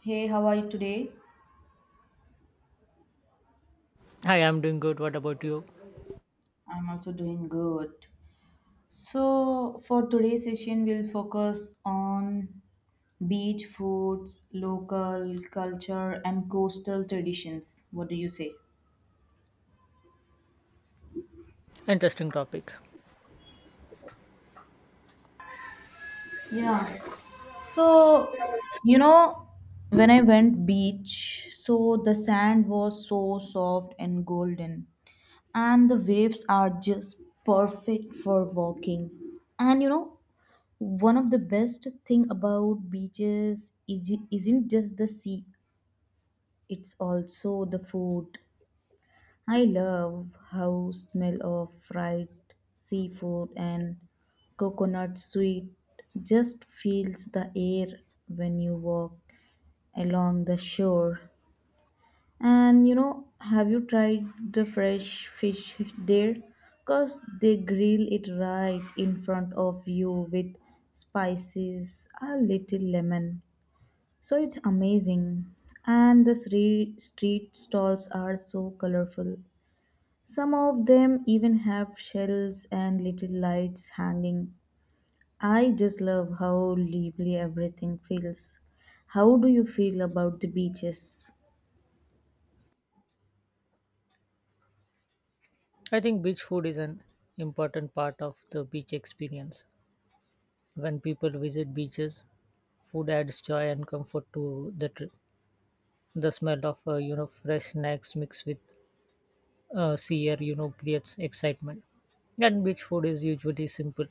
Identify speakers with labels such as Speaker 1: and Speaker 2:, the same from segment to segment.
Speaker 1: Hey, how are you today?
Speaker 2: Hi, I'm doing good. What about you?
Speaker 1: I'm also doing good. So, for today's session, we'll focus on beach foods, local culture, and coastal traditions. What do you say?
Speaker 2: Interesting topic.
Speaker 1: Yeah. So, you know, when I went beach, so the sand was so soft and golden, and the waves are just perfect for walking. And you know, one of the best thing about beaches isn't just the sea, it's also the food. I love how smell of fried seafood and coconut sweet just fills the air when you walk along the shore. And you know, have you tried the fresh fish there? Because they grill it right in front of you with spices, a little lemon. So it's amazing. And the street stalls are so colorful. Some of them even have shells and little lights hanging. I just love how lively everything feels. How do you feel about the beaches?
Speaker 2: I think beach food is an important part of the beach experience. When people visit beaches, food adds joy and comfort to the trip. The smell of fresh snacks mixed with sea air creates excitement. And beach food is usually simple,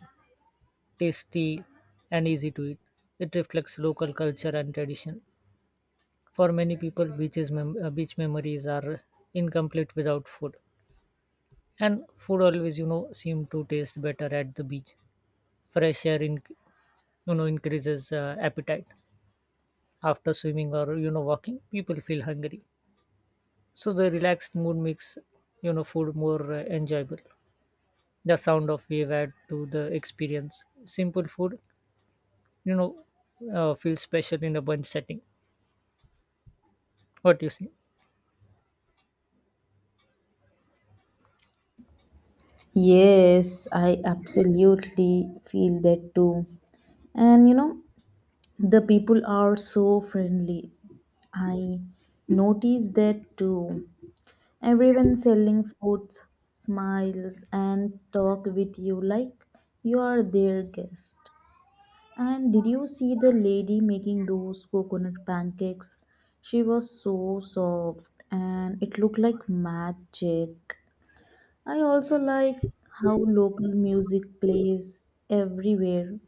Speaker 2: tasty, and easy to eat. It reflects local culture and tradition. For many people, beach memories are incomplete without food. And food always seem to taste better at the beach. Fresh air increases appetite. After swimming or walking, people feel hungry, so the relaxed mood makes food more enjoyable. The sound of wave add to the experience. Simple food you know feels special in a bunch setting. What do you think?
Speaker 1: Yes, I absolutely feel that too. And you know, the people are so friendly. I notice that too. Everyone selling foods smiles and talk with you like you are their guest. And did you see the lady making those coconut pancakes? She was so soft and it looked like magic. I also like how local music plays everywhere.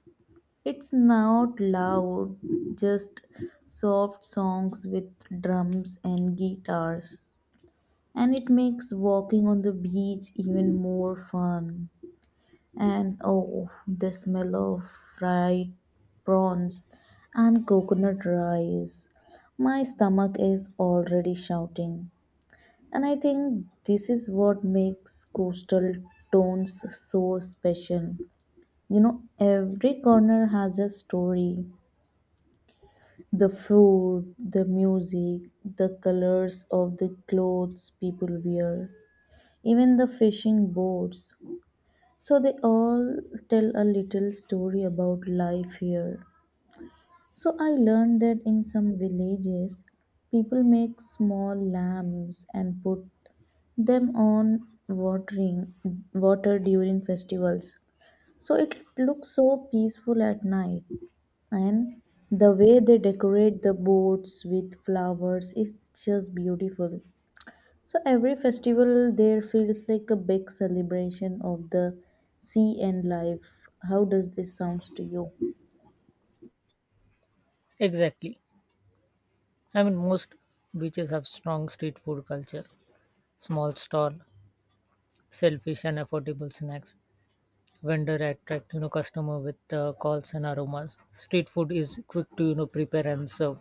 Speaker 1: It's not loud, just soft songs with drums and guitars. And it makes walking on the beach even more fun. And oh, the smell of fried prawns and coconut rice. My stomach is already shouting. And I think this is what makes coastal towns so special. You know, every corner has a story. The food, the music, the colors of the clothes people wear, even the fishing boats. So they all tell a little story about life here. So I learned that in some villages, people make small lamps and put them on water during festivals. So it looks so peaceful at night, and the way they decorate the boats with flowers is just beautiful. So every festival there feels like a big celebration of the sea and life. How does this sounds to you?
Speaker 2: Exactly. I mean, most beaches have strong street food culture. Small stall, selfish and affordable snacks. Vendor attract customer with calls and aromas. Street food is quick to prepare and serve.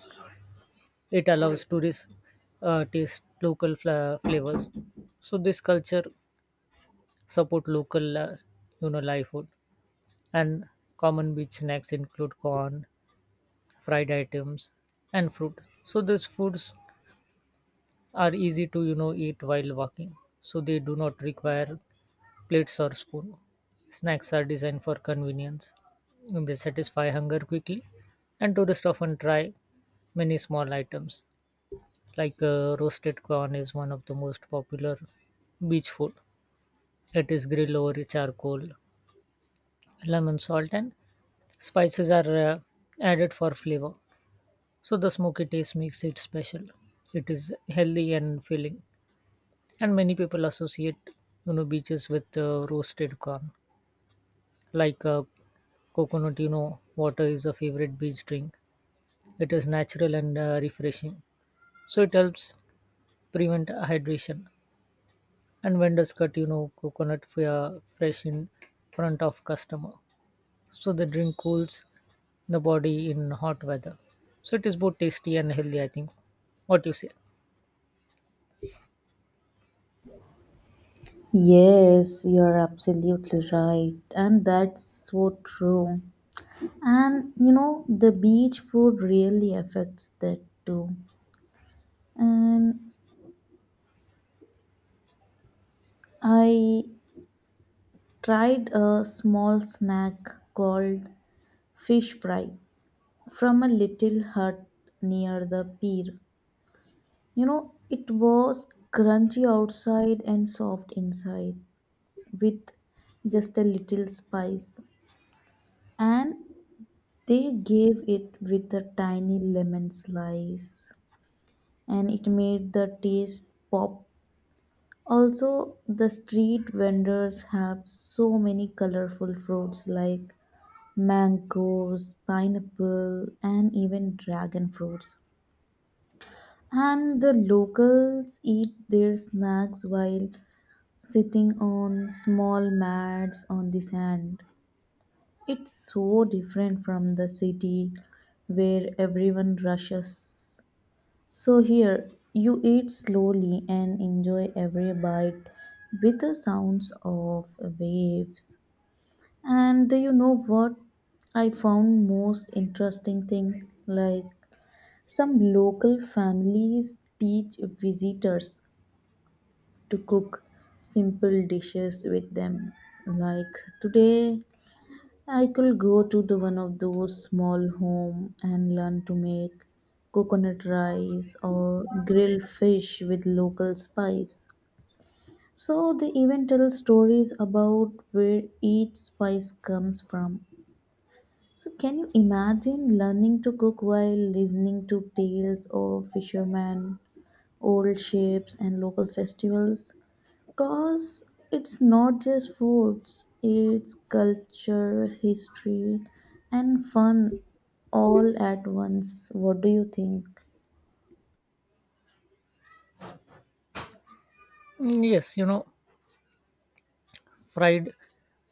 Speaker 2: It allows tourists taste local flavors. So this culture support local live food. And common beach snacks include corn, fried items, and fruit. So these foods are easy to eat while walking, so they do not require plates or spoon. Snacks are designed for convenience. They satisfy hunger quickly, and tourists often try many small items. Roasted corn is one of the most popular beach food. It is grilled over charcoal, lemon salt, and spices are added for flavor. So the smoky taste makes it special. It is healthy and filling, and many people associate beaches with roasted corn. Like uh, Coconut, water is a favorite beach drink. It is natural and refreshing. So it helps prevent hydration. And vendors cut, coconut fresh in front of customer. So the drink cools the body in hot weather. So it is both tasty and healthy, I think. What you say?
Speaker 1: Yes, you're absolutely right. And that's so true. And you know, the beach food really affects that too. And I tried a small snack called fish fry from a little hut near the pier. You know, it was crunchy outside and soft inside with just a little spice. And they gave it with a tiny lemon slice and it made the taste pop. Also, the street vendors have so many colorful fruits like mangoes, pineapple, and even dragon fruits. And the locals eat their snacks while sitting on small mats on the sand. It's so different from the city where everyone rushes. So here, you eat slowly and enjoy every bite with the sounds of waves. And you know what I found most interesting thing? Like some local families teach visitors to cook simple dishes with them. Like today I could go to the one of those small home and learn to make coconut rice or grilled fish with local spice. So they even tell stories about where each spice comes from. So can you imagine learning to cook while listening to tales of fishermen, old ships and local festivals? Cause it's not just foods, it's culture, history, and fun all at once. What do you think?
Speaker 2: Mm, yes, fried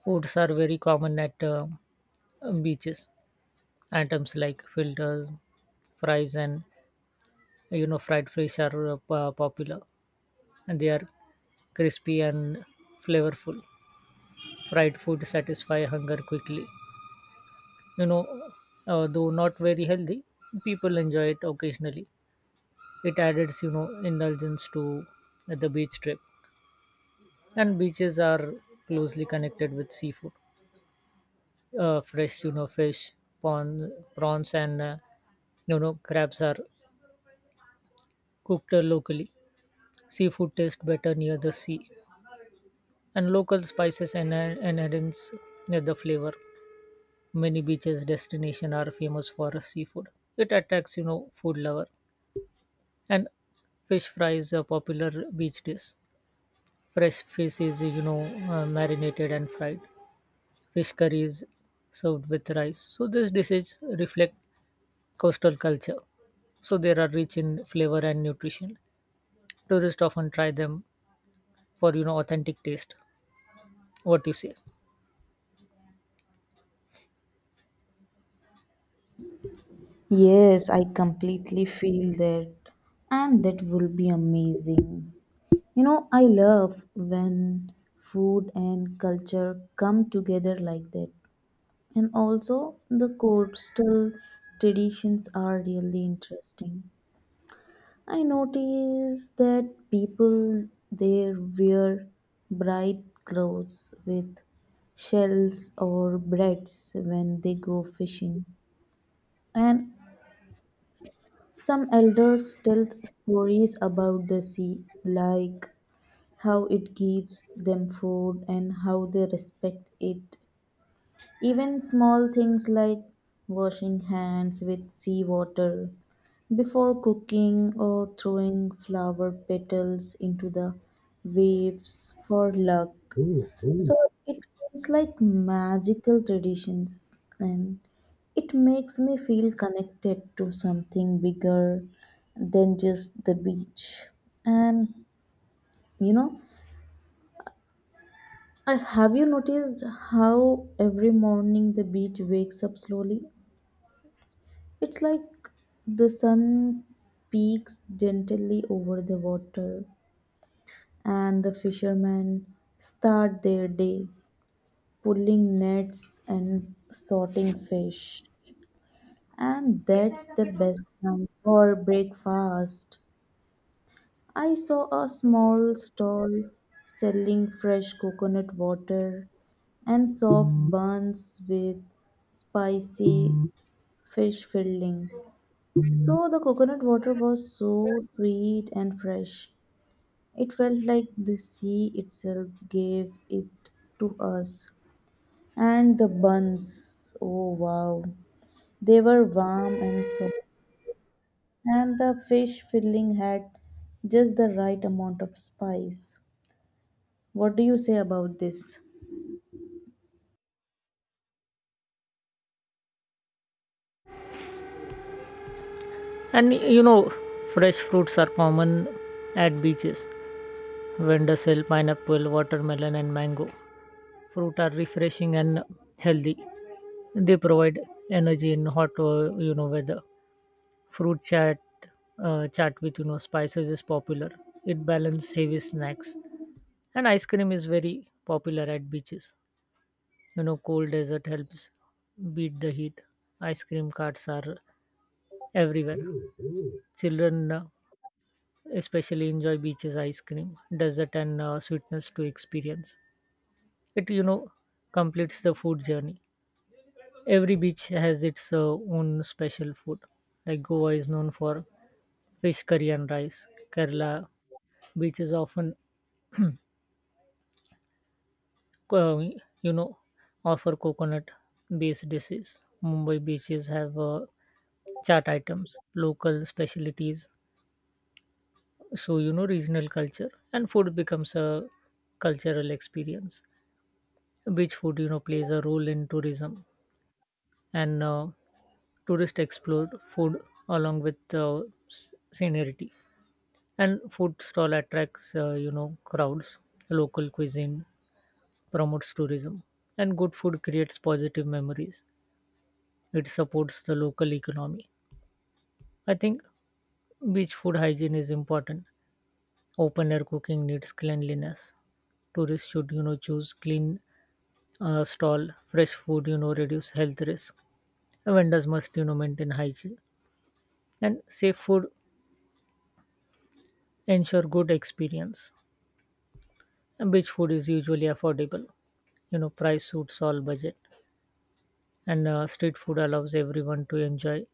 Speaker 2: foods are very common at beaches. Items like filters, fries, and fried fish are popular, and they are crispy and flavorful. Fried food satisfy hunger quickly, you know though not very healthy. People enjoy it occasionally. It adds indulgence to the beach trip. And beaches are closely connected with seafood. Fresh fish, prawns, and crabs are cooked locally. Seafood tastes better near the sea, and local spices and enhance the flavor. Many beaches destination are famous for seafood. It attracts food lover. And fish fries are popular beach dish. Fresh fish is marinated and fried. Fish curry is served with rice. So these dishes reflect coastal culture, so they are rich in flavor and nutrition. Tourists often try them for authentic taste. What you say?
Speaker 1: Yes, I completely feel that, and that will be amazing. You know, I love when food and culture come together like that. And also, the coastal traditions are really interesting. I noticed that people there wear bright clothes with shells or braids when they go fishing. And some elders tell stories about the sea, like how it gives them food and how they respect it. Even small things like washing hands with seawater before cooking or throwing flower petals into the waves for luck. So it feels like magical traditions and it makes me feel connected to something bigger than just the beach. And you know, I have you noticed how every morning the beach wakes up slowly? It's like the sun peeks gently over the water, and the fishermen start their day pulling nets and sorting fish. And that's the best time for breakfast. I saw a small stall selling fresh coconut water and soft buns with spicy fish filling. So the coconut water was so sweet and fresh. It felt like the sea itself gave it to us. And the buns, oh wow, they were warm and soft. And the fish filling had just the right amount of spice. What do you say about this?
Speaker 2: And fresh fruits are common at beaches. Vendors sell pineapple, watermelon, and mango. Fruit are refreshing and healthy. They provide energy in hot, weather. Fruit chat, Chat with spices is popular. It balances heavy snacks, and ice cream is very popular at beaches. Cold desert helps beat the heat. Ice cream carts are everywhere. Children especially enjoy beaches ice cream desert and sweetness to experience it. Completes the food journey. Every beach has its own special food. Like Goa is known for fish curry and rice. Kerala beaches often uh, you know offer coconut based dishes. Mumbai beaches have chart items, local specialties. So regional culture and food becomes a cultural experience. Beach food, plays a role in tourism, and tourists explore food along with scenery. And food stall attracts, crowds. Local cuisine promotes tourism, and good food creates positive memories. It supports the local economy. I think beach food hygiene is important. Open air cooking needs cleanliness. Tourists should, choose clean stall, fresh food, reduce health risk. Vendors must, maintain hygiene. And safe food ensure good experience. And beach food is usually affordable. Price suits all budget, and street food allows everyone to enjoy.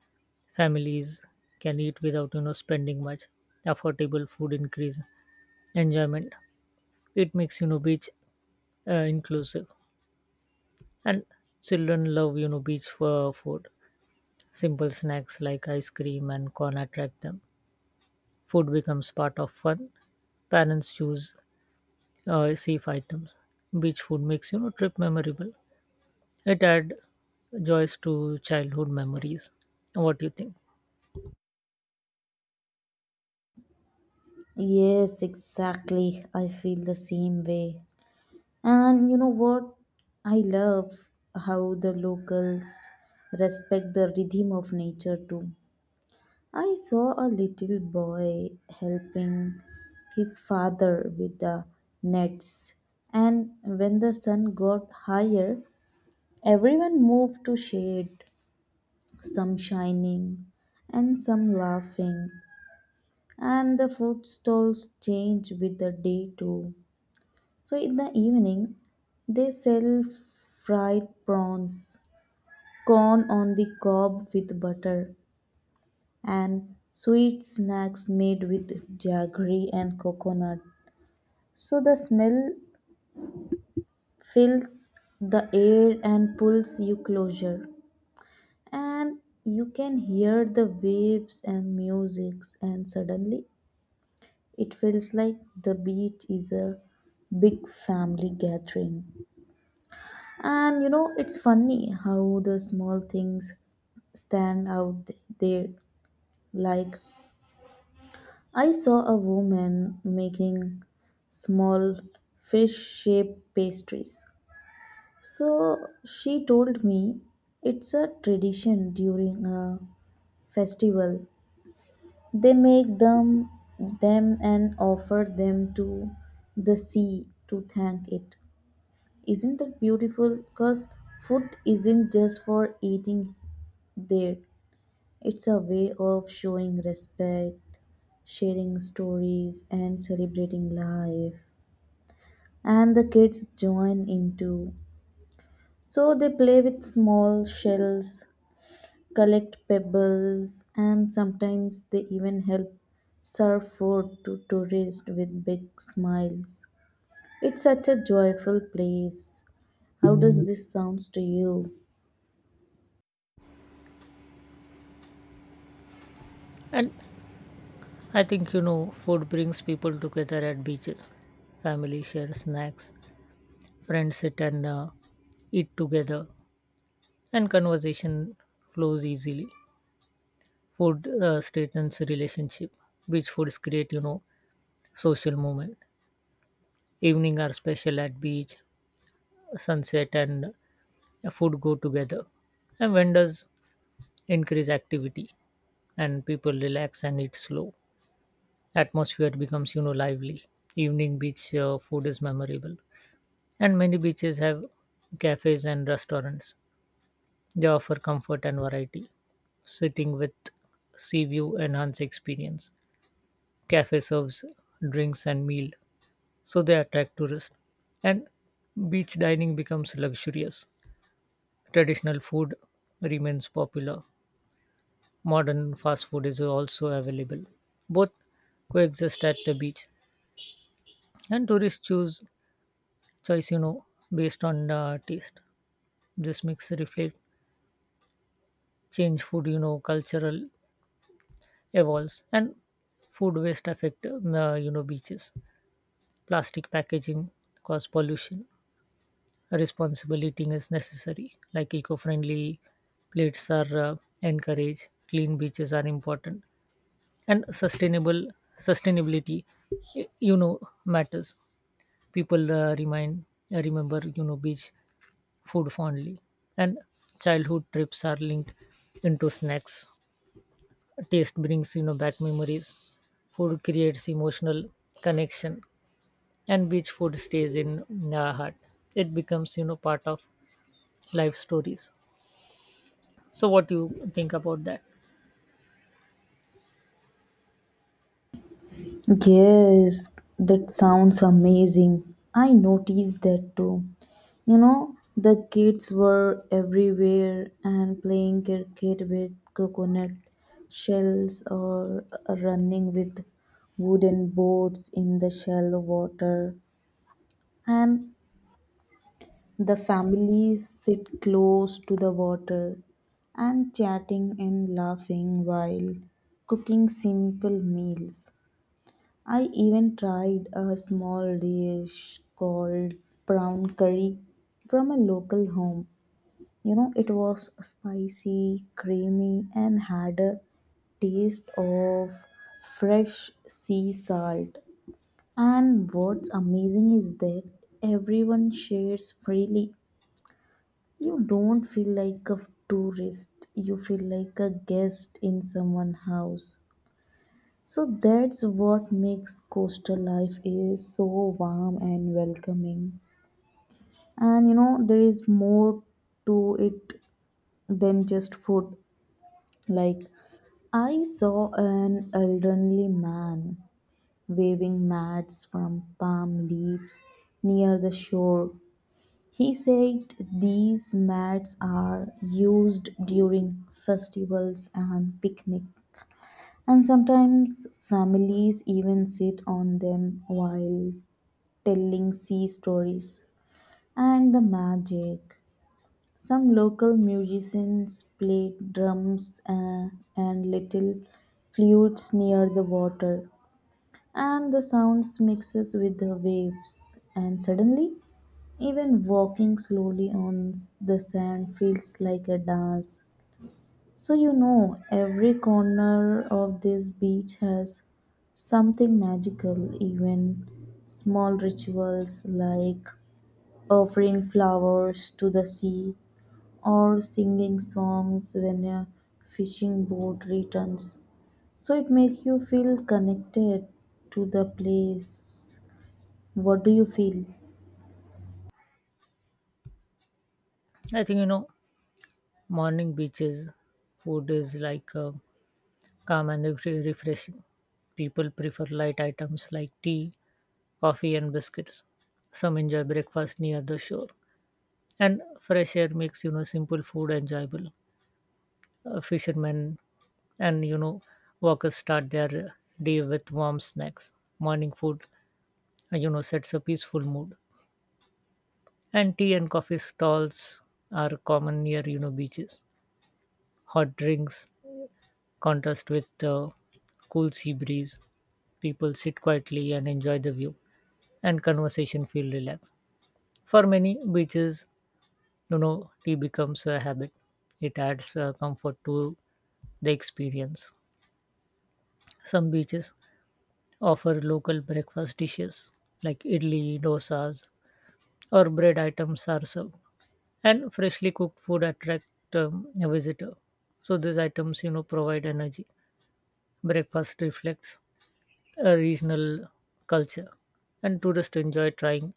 Speaker 2: Families can eat without spending much. Affordable food increase enjoyment. It makes beach inclusive. And children love beach for food. Simple snacks like ice cream and corn attract them. Food becomes part of fun. Parents choose safe items. Beach food makes trip memorable. It add joys to childhood memories. What do you think?
Speaker 1: Yes, exactly. I feel the same way. And you know what? I love how the locals respect the rhythm of nature too. I saw a little boy helping his father with the nets, and when the sun got higher, everyone moved to shade, some shining and some laughing, and the food stalls changed with the day too. So in the evening, they sell fried prawns, corn on the cob with butter, and sweet snacks made with jaggery and coconut. So the smell fills the air and pulls you closer. And you can hear the waves and musics and suddenly it feels like the beach is a big family gathering. And you know, it's funny how the small things stand out there. Like, I saw a woman making small fish shaped pastries. So she told me it's a tradition during a festival. They make them and offer them to the sea to thank it. Isn't that beautiful? Because food isn't just for eating there, it's a way of showing respect, sharing stories, and celebrating life. And the kids join in too. So they play with small shells, collect pebbles, and sometimes they even help serve food to tourists with big smiles. It's such a joyful place. How does this sounds to you?
Speaker 2: And I think food brings people together at beaches. Family share snacks, friends sit and eat together, and conversation flows easily. Food strengthens relationship. Beach foods create social moment. Evening are special at beach. Sunset and food go together, and vendors increase activity, and people relax and eat slow. Atmosphere becomes lively. Evening beach food is memorable. And many beaches have cafes and restaurants. They offer comfort and variety. Sitting with sea view enhance experience. Cafe serves drinks and meal, so they attract tourists, and beach dining becomes luxurious. Traditional food remains popular. Modern fast food is also available. Both coexist at the beach, and tourists choose choice based on the taste. This mix reflect change food, cultural evolves. And food waste affect beaches. Plastic packaging cause pollution. Responsible eating is necessary. Like eco-friendly plates are encouraged. Clean beaches are important, and sustainable sustainability y- you know matters. People remind remember beach food fondly, and childhood trips are linked into snacks. Taste brings back memories. Food creates emotional connection, and beach food stays in our heart. It becomes part of life stories. So what do you think about that?
Speaker 1: Yes, that sounds amazing. I noticed that too. You know, the kids were everywhere and playing cricket with coconut shells or running with wooden boats in the shallow water. And the families sit close to the water and chatting and laughing while cooking simple meals. I even tried a small dish called brown curry from a local home. You know, it was spicy, creamy, and had a taste of fresh sea salt. And what's amazing is that everyone shares freely. You don't feel like a tourist, you feel like a guest in someone's house. So that's what makes coastal life is so warm and welcoming. And you know, there is more to it than just food. Like I saw an elderly man waving mats from palm leaves near the shore. He said these mats are used during festivals and picnic and sometimes families even sit on them while telling sea stories and the magic. Some local musicians played drums and little flutes near the water, and the sounds mixes with the waves. And suddenly, even walking slowly on the sand feels like a dance. So, you know, every corner of this beach has something magical, even small rituals like offering flowers to the sea or singing songs when a fishing boat returns. So it makes you feel connected to the place. What do you feel?
Speaker 2: I think morning beaches food is like calm and refreshing. People prefer light items like tea, coffee, and biscuits. Some enjoy breakfast near the shore, and fresh air makes simple food enjoyable. Fishermen and walkers start their day with warm snacks. Morning food, sets a peaceful mood. And tea and coffee stalls are common near beaches. Hot drinks contrast with cool sea breeze. People sit quietly and enjoy the view, and conversation feel relaxed. For many, beaches. No, no, tea becomes a habit. It adds comfort to the experience. Some beaches offer local breakfast dishes like idli, dosas, or bread items are served, and freshly cooked food attract a visitor. So these items, provide energy. Breakfast reflects a regional culture, and tourists enjoy trying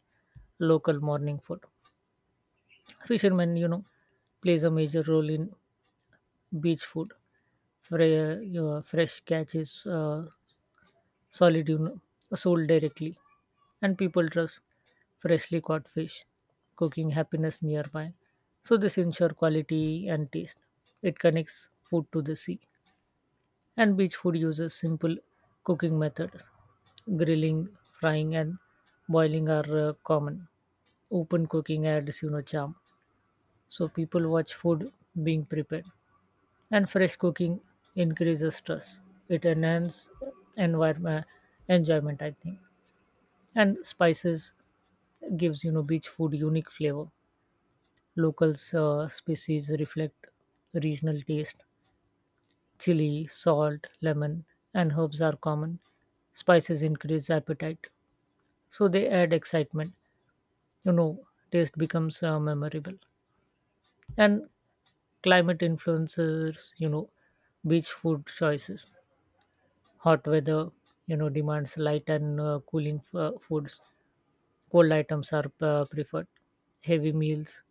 Speaker 2: local morning food. Fishermen, plays a major role in beach food. Fresh catch is solid, sold directly, and people trust freshly caught fish, cooking happiness nearby. So this ensure quality and taste. It connects food to the sea, and beach food uses simple cooking methods. Grilling, frying, and boiling are common. Open cooking adds, charm. So people watch food being prepared, and fresh cooking increases stress. It enhances environment enjoyment, I think. And spices gives beach food unique flavor. Local species reflect regional taste. Chili, salt, lemon, and herbs are common. Spices increase appetite, so they add excitement. You know, Taste becomes memorable. And climate influences, beach food choices. Hot weather demands light and cooling foods. Cold items are preferred. Heavy meals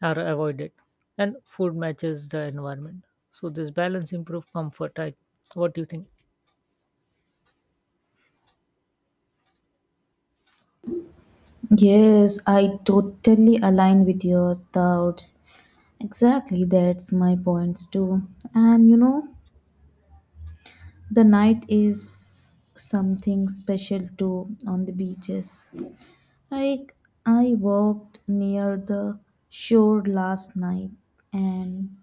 Speaker 2: are avoided, and food matches the environment, so this balance improve comfort. I what do you think?
Speaker 1: Yes, I totally align with your thoughts. Exactly, that's my points too. And you know, the night is something special too on the beaches. Like I walked near the shore last night and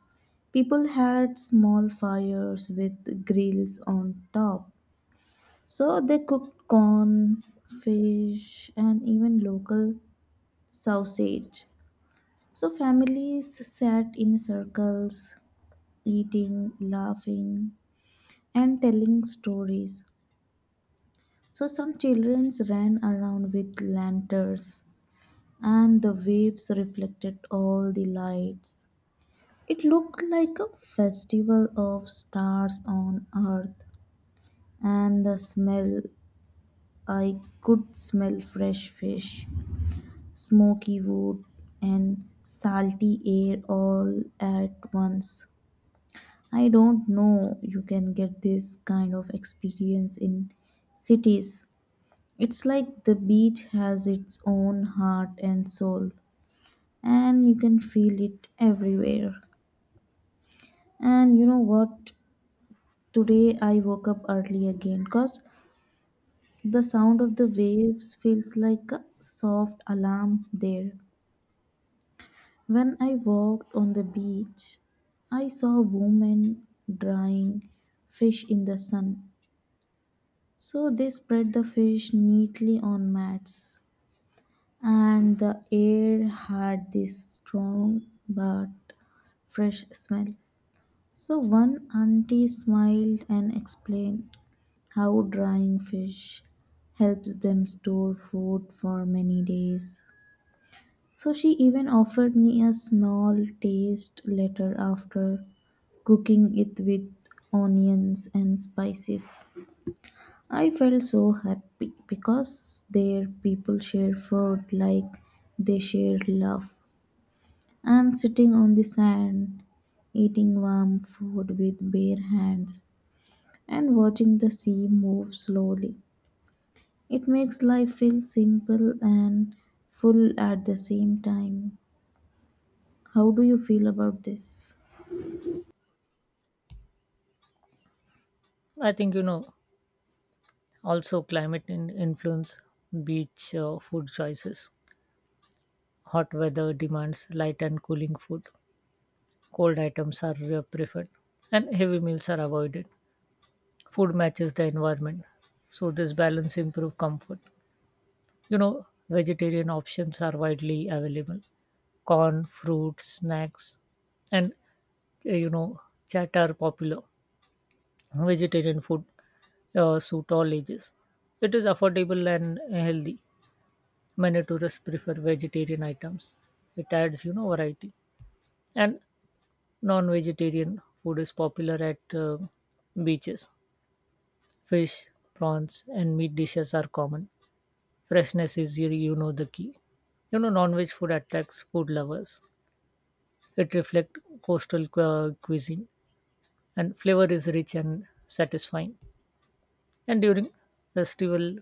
Speaker 1: people had small fires with grills on top. So they cooked corn, fish and even local sausage. So families sat in circles eating, laughing and telling stories. So some children ran around with lanterns and the waves reflected all the lights. It looked like a festival of stars on earth, and the smell, I could smell fresh fish, smoky wood, and salty air all at once. I don't know you can get this kind of experience in cities. It's like the beach has its own heart and soul, and you can feel it everywhere. And you know what, today I woke up early again cause the sound of the waves feels like a soft alarm there. When I walked on the beach, I saw a woman drying fish in the sun. So they spread the fish neatly on mats and the air had this strong but fresh smell. So one auntie smiled and explained how drying fish helps them store food for many days. So she even offered me a small taste later after cooking it with onions and spices. I felt so happy because their people share food like they share love. And sitting on the sand, eating warm food with bare hands and watching the sea move slowly. It makes life feel simple and full at the same time. How do you feel about this?
Speaker 2: I think also climate in influence beach food choices. Hot weather demands light and cooling food. Cold items are preferred, and heavy meals are avoided. Food matches the environment, so this balance improve comfort. Vegetarian options are widely available. Corn, fruit, snacks, and uh, you know, chat are popular. Vegetarian food suit all ages. It is affordable and healthy. Many tourists prefer vegetarian items. It adds, variety. And non-vegetarian food is popular at beaches. Fish, prawns, and meat dishes are common. Freshness is, the key. Non-veg food attracts food lovers. It reflects coastal cuisine, and flavor is rich and satisfying. And during festival,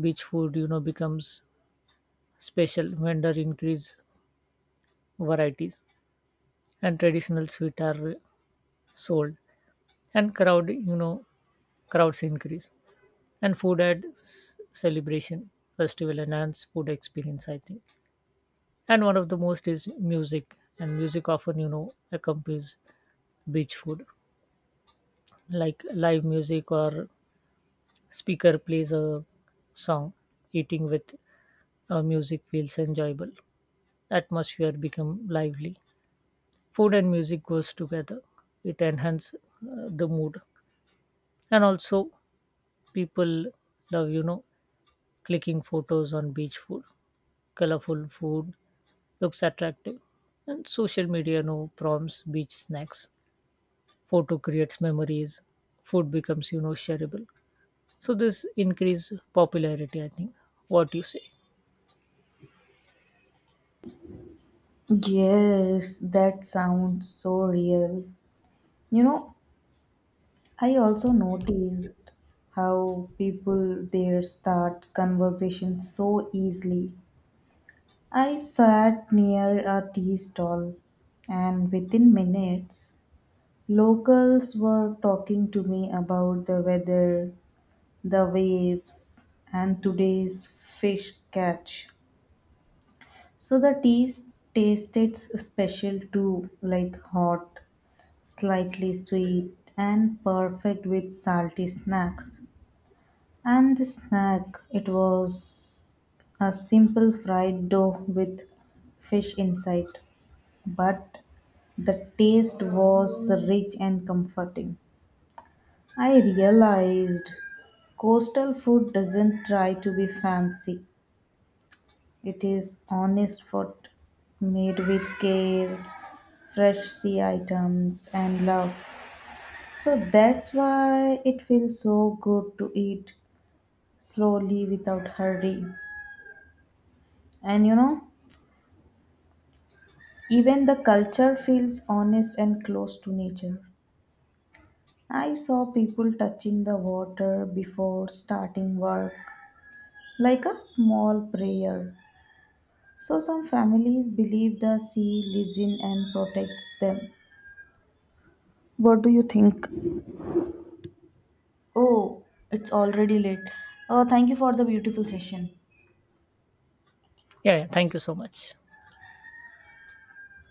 Speaker 2: beach food becomes special when there increase varieties, and traditional sweet are sold, and crowd, crowds increase, and food at celebration festival enhance food experience, I think. And one of the most is music. And music often accompanies beach food, like live music or speaker plays a song. Eating with music feels enjoyable. Atmosphere become lively. Food and music goes together. It enhances the mood. And also people love clicking photos on beach food. Colorful food looks attractive. And social media now prompts beach snacks. Photo creates memories. Food becomes shareable. So this increase popularity, I think. What do you say?
Speaker 1: Yes, that sounds so real. You know, I also noticed how people there start conversations so easily. I sat near a tea stall, and within minutes, locals were talking to me about the weather, the waves, and today's fish catch. So the teas tasted special too, like hot, slightly sweet, and perfect with salty snacks. And the snack, it was a simple fried dough with fish inside, but the taste was rich and comforting. I realized coastal food doesn't try to be fancy, it is honest food made with care, fresh sea items, and love. So that's why it feels so good to eat slowly without hurry. And you know, even the culture feels honest and close to nature. I saw people touching the water before starting work, like a small prayer. So some families believe the sea listens and protects them. What do you think? Oh, it's already late. Oh, thank you for the beautiful session.
Speaker 2: Yeah, yeah. Thank you so much.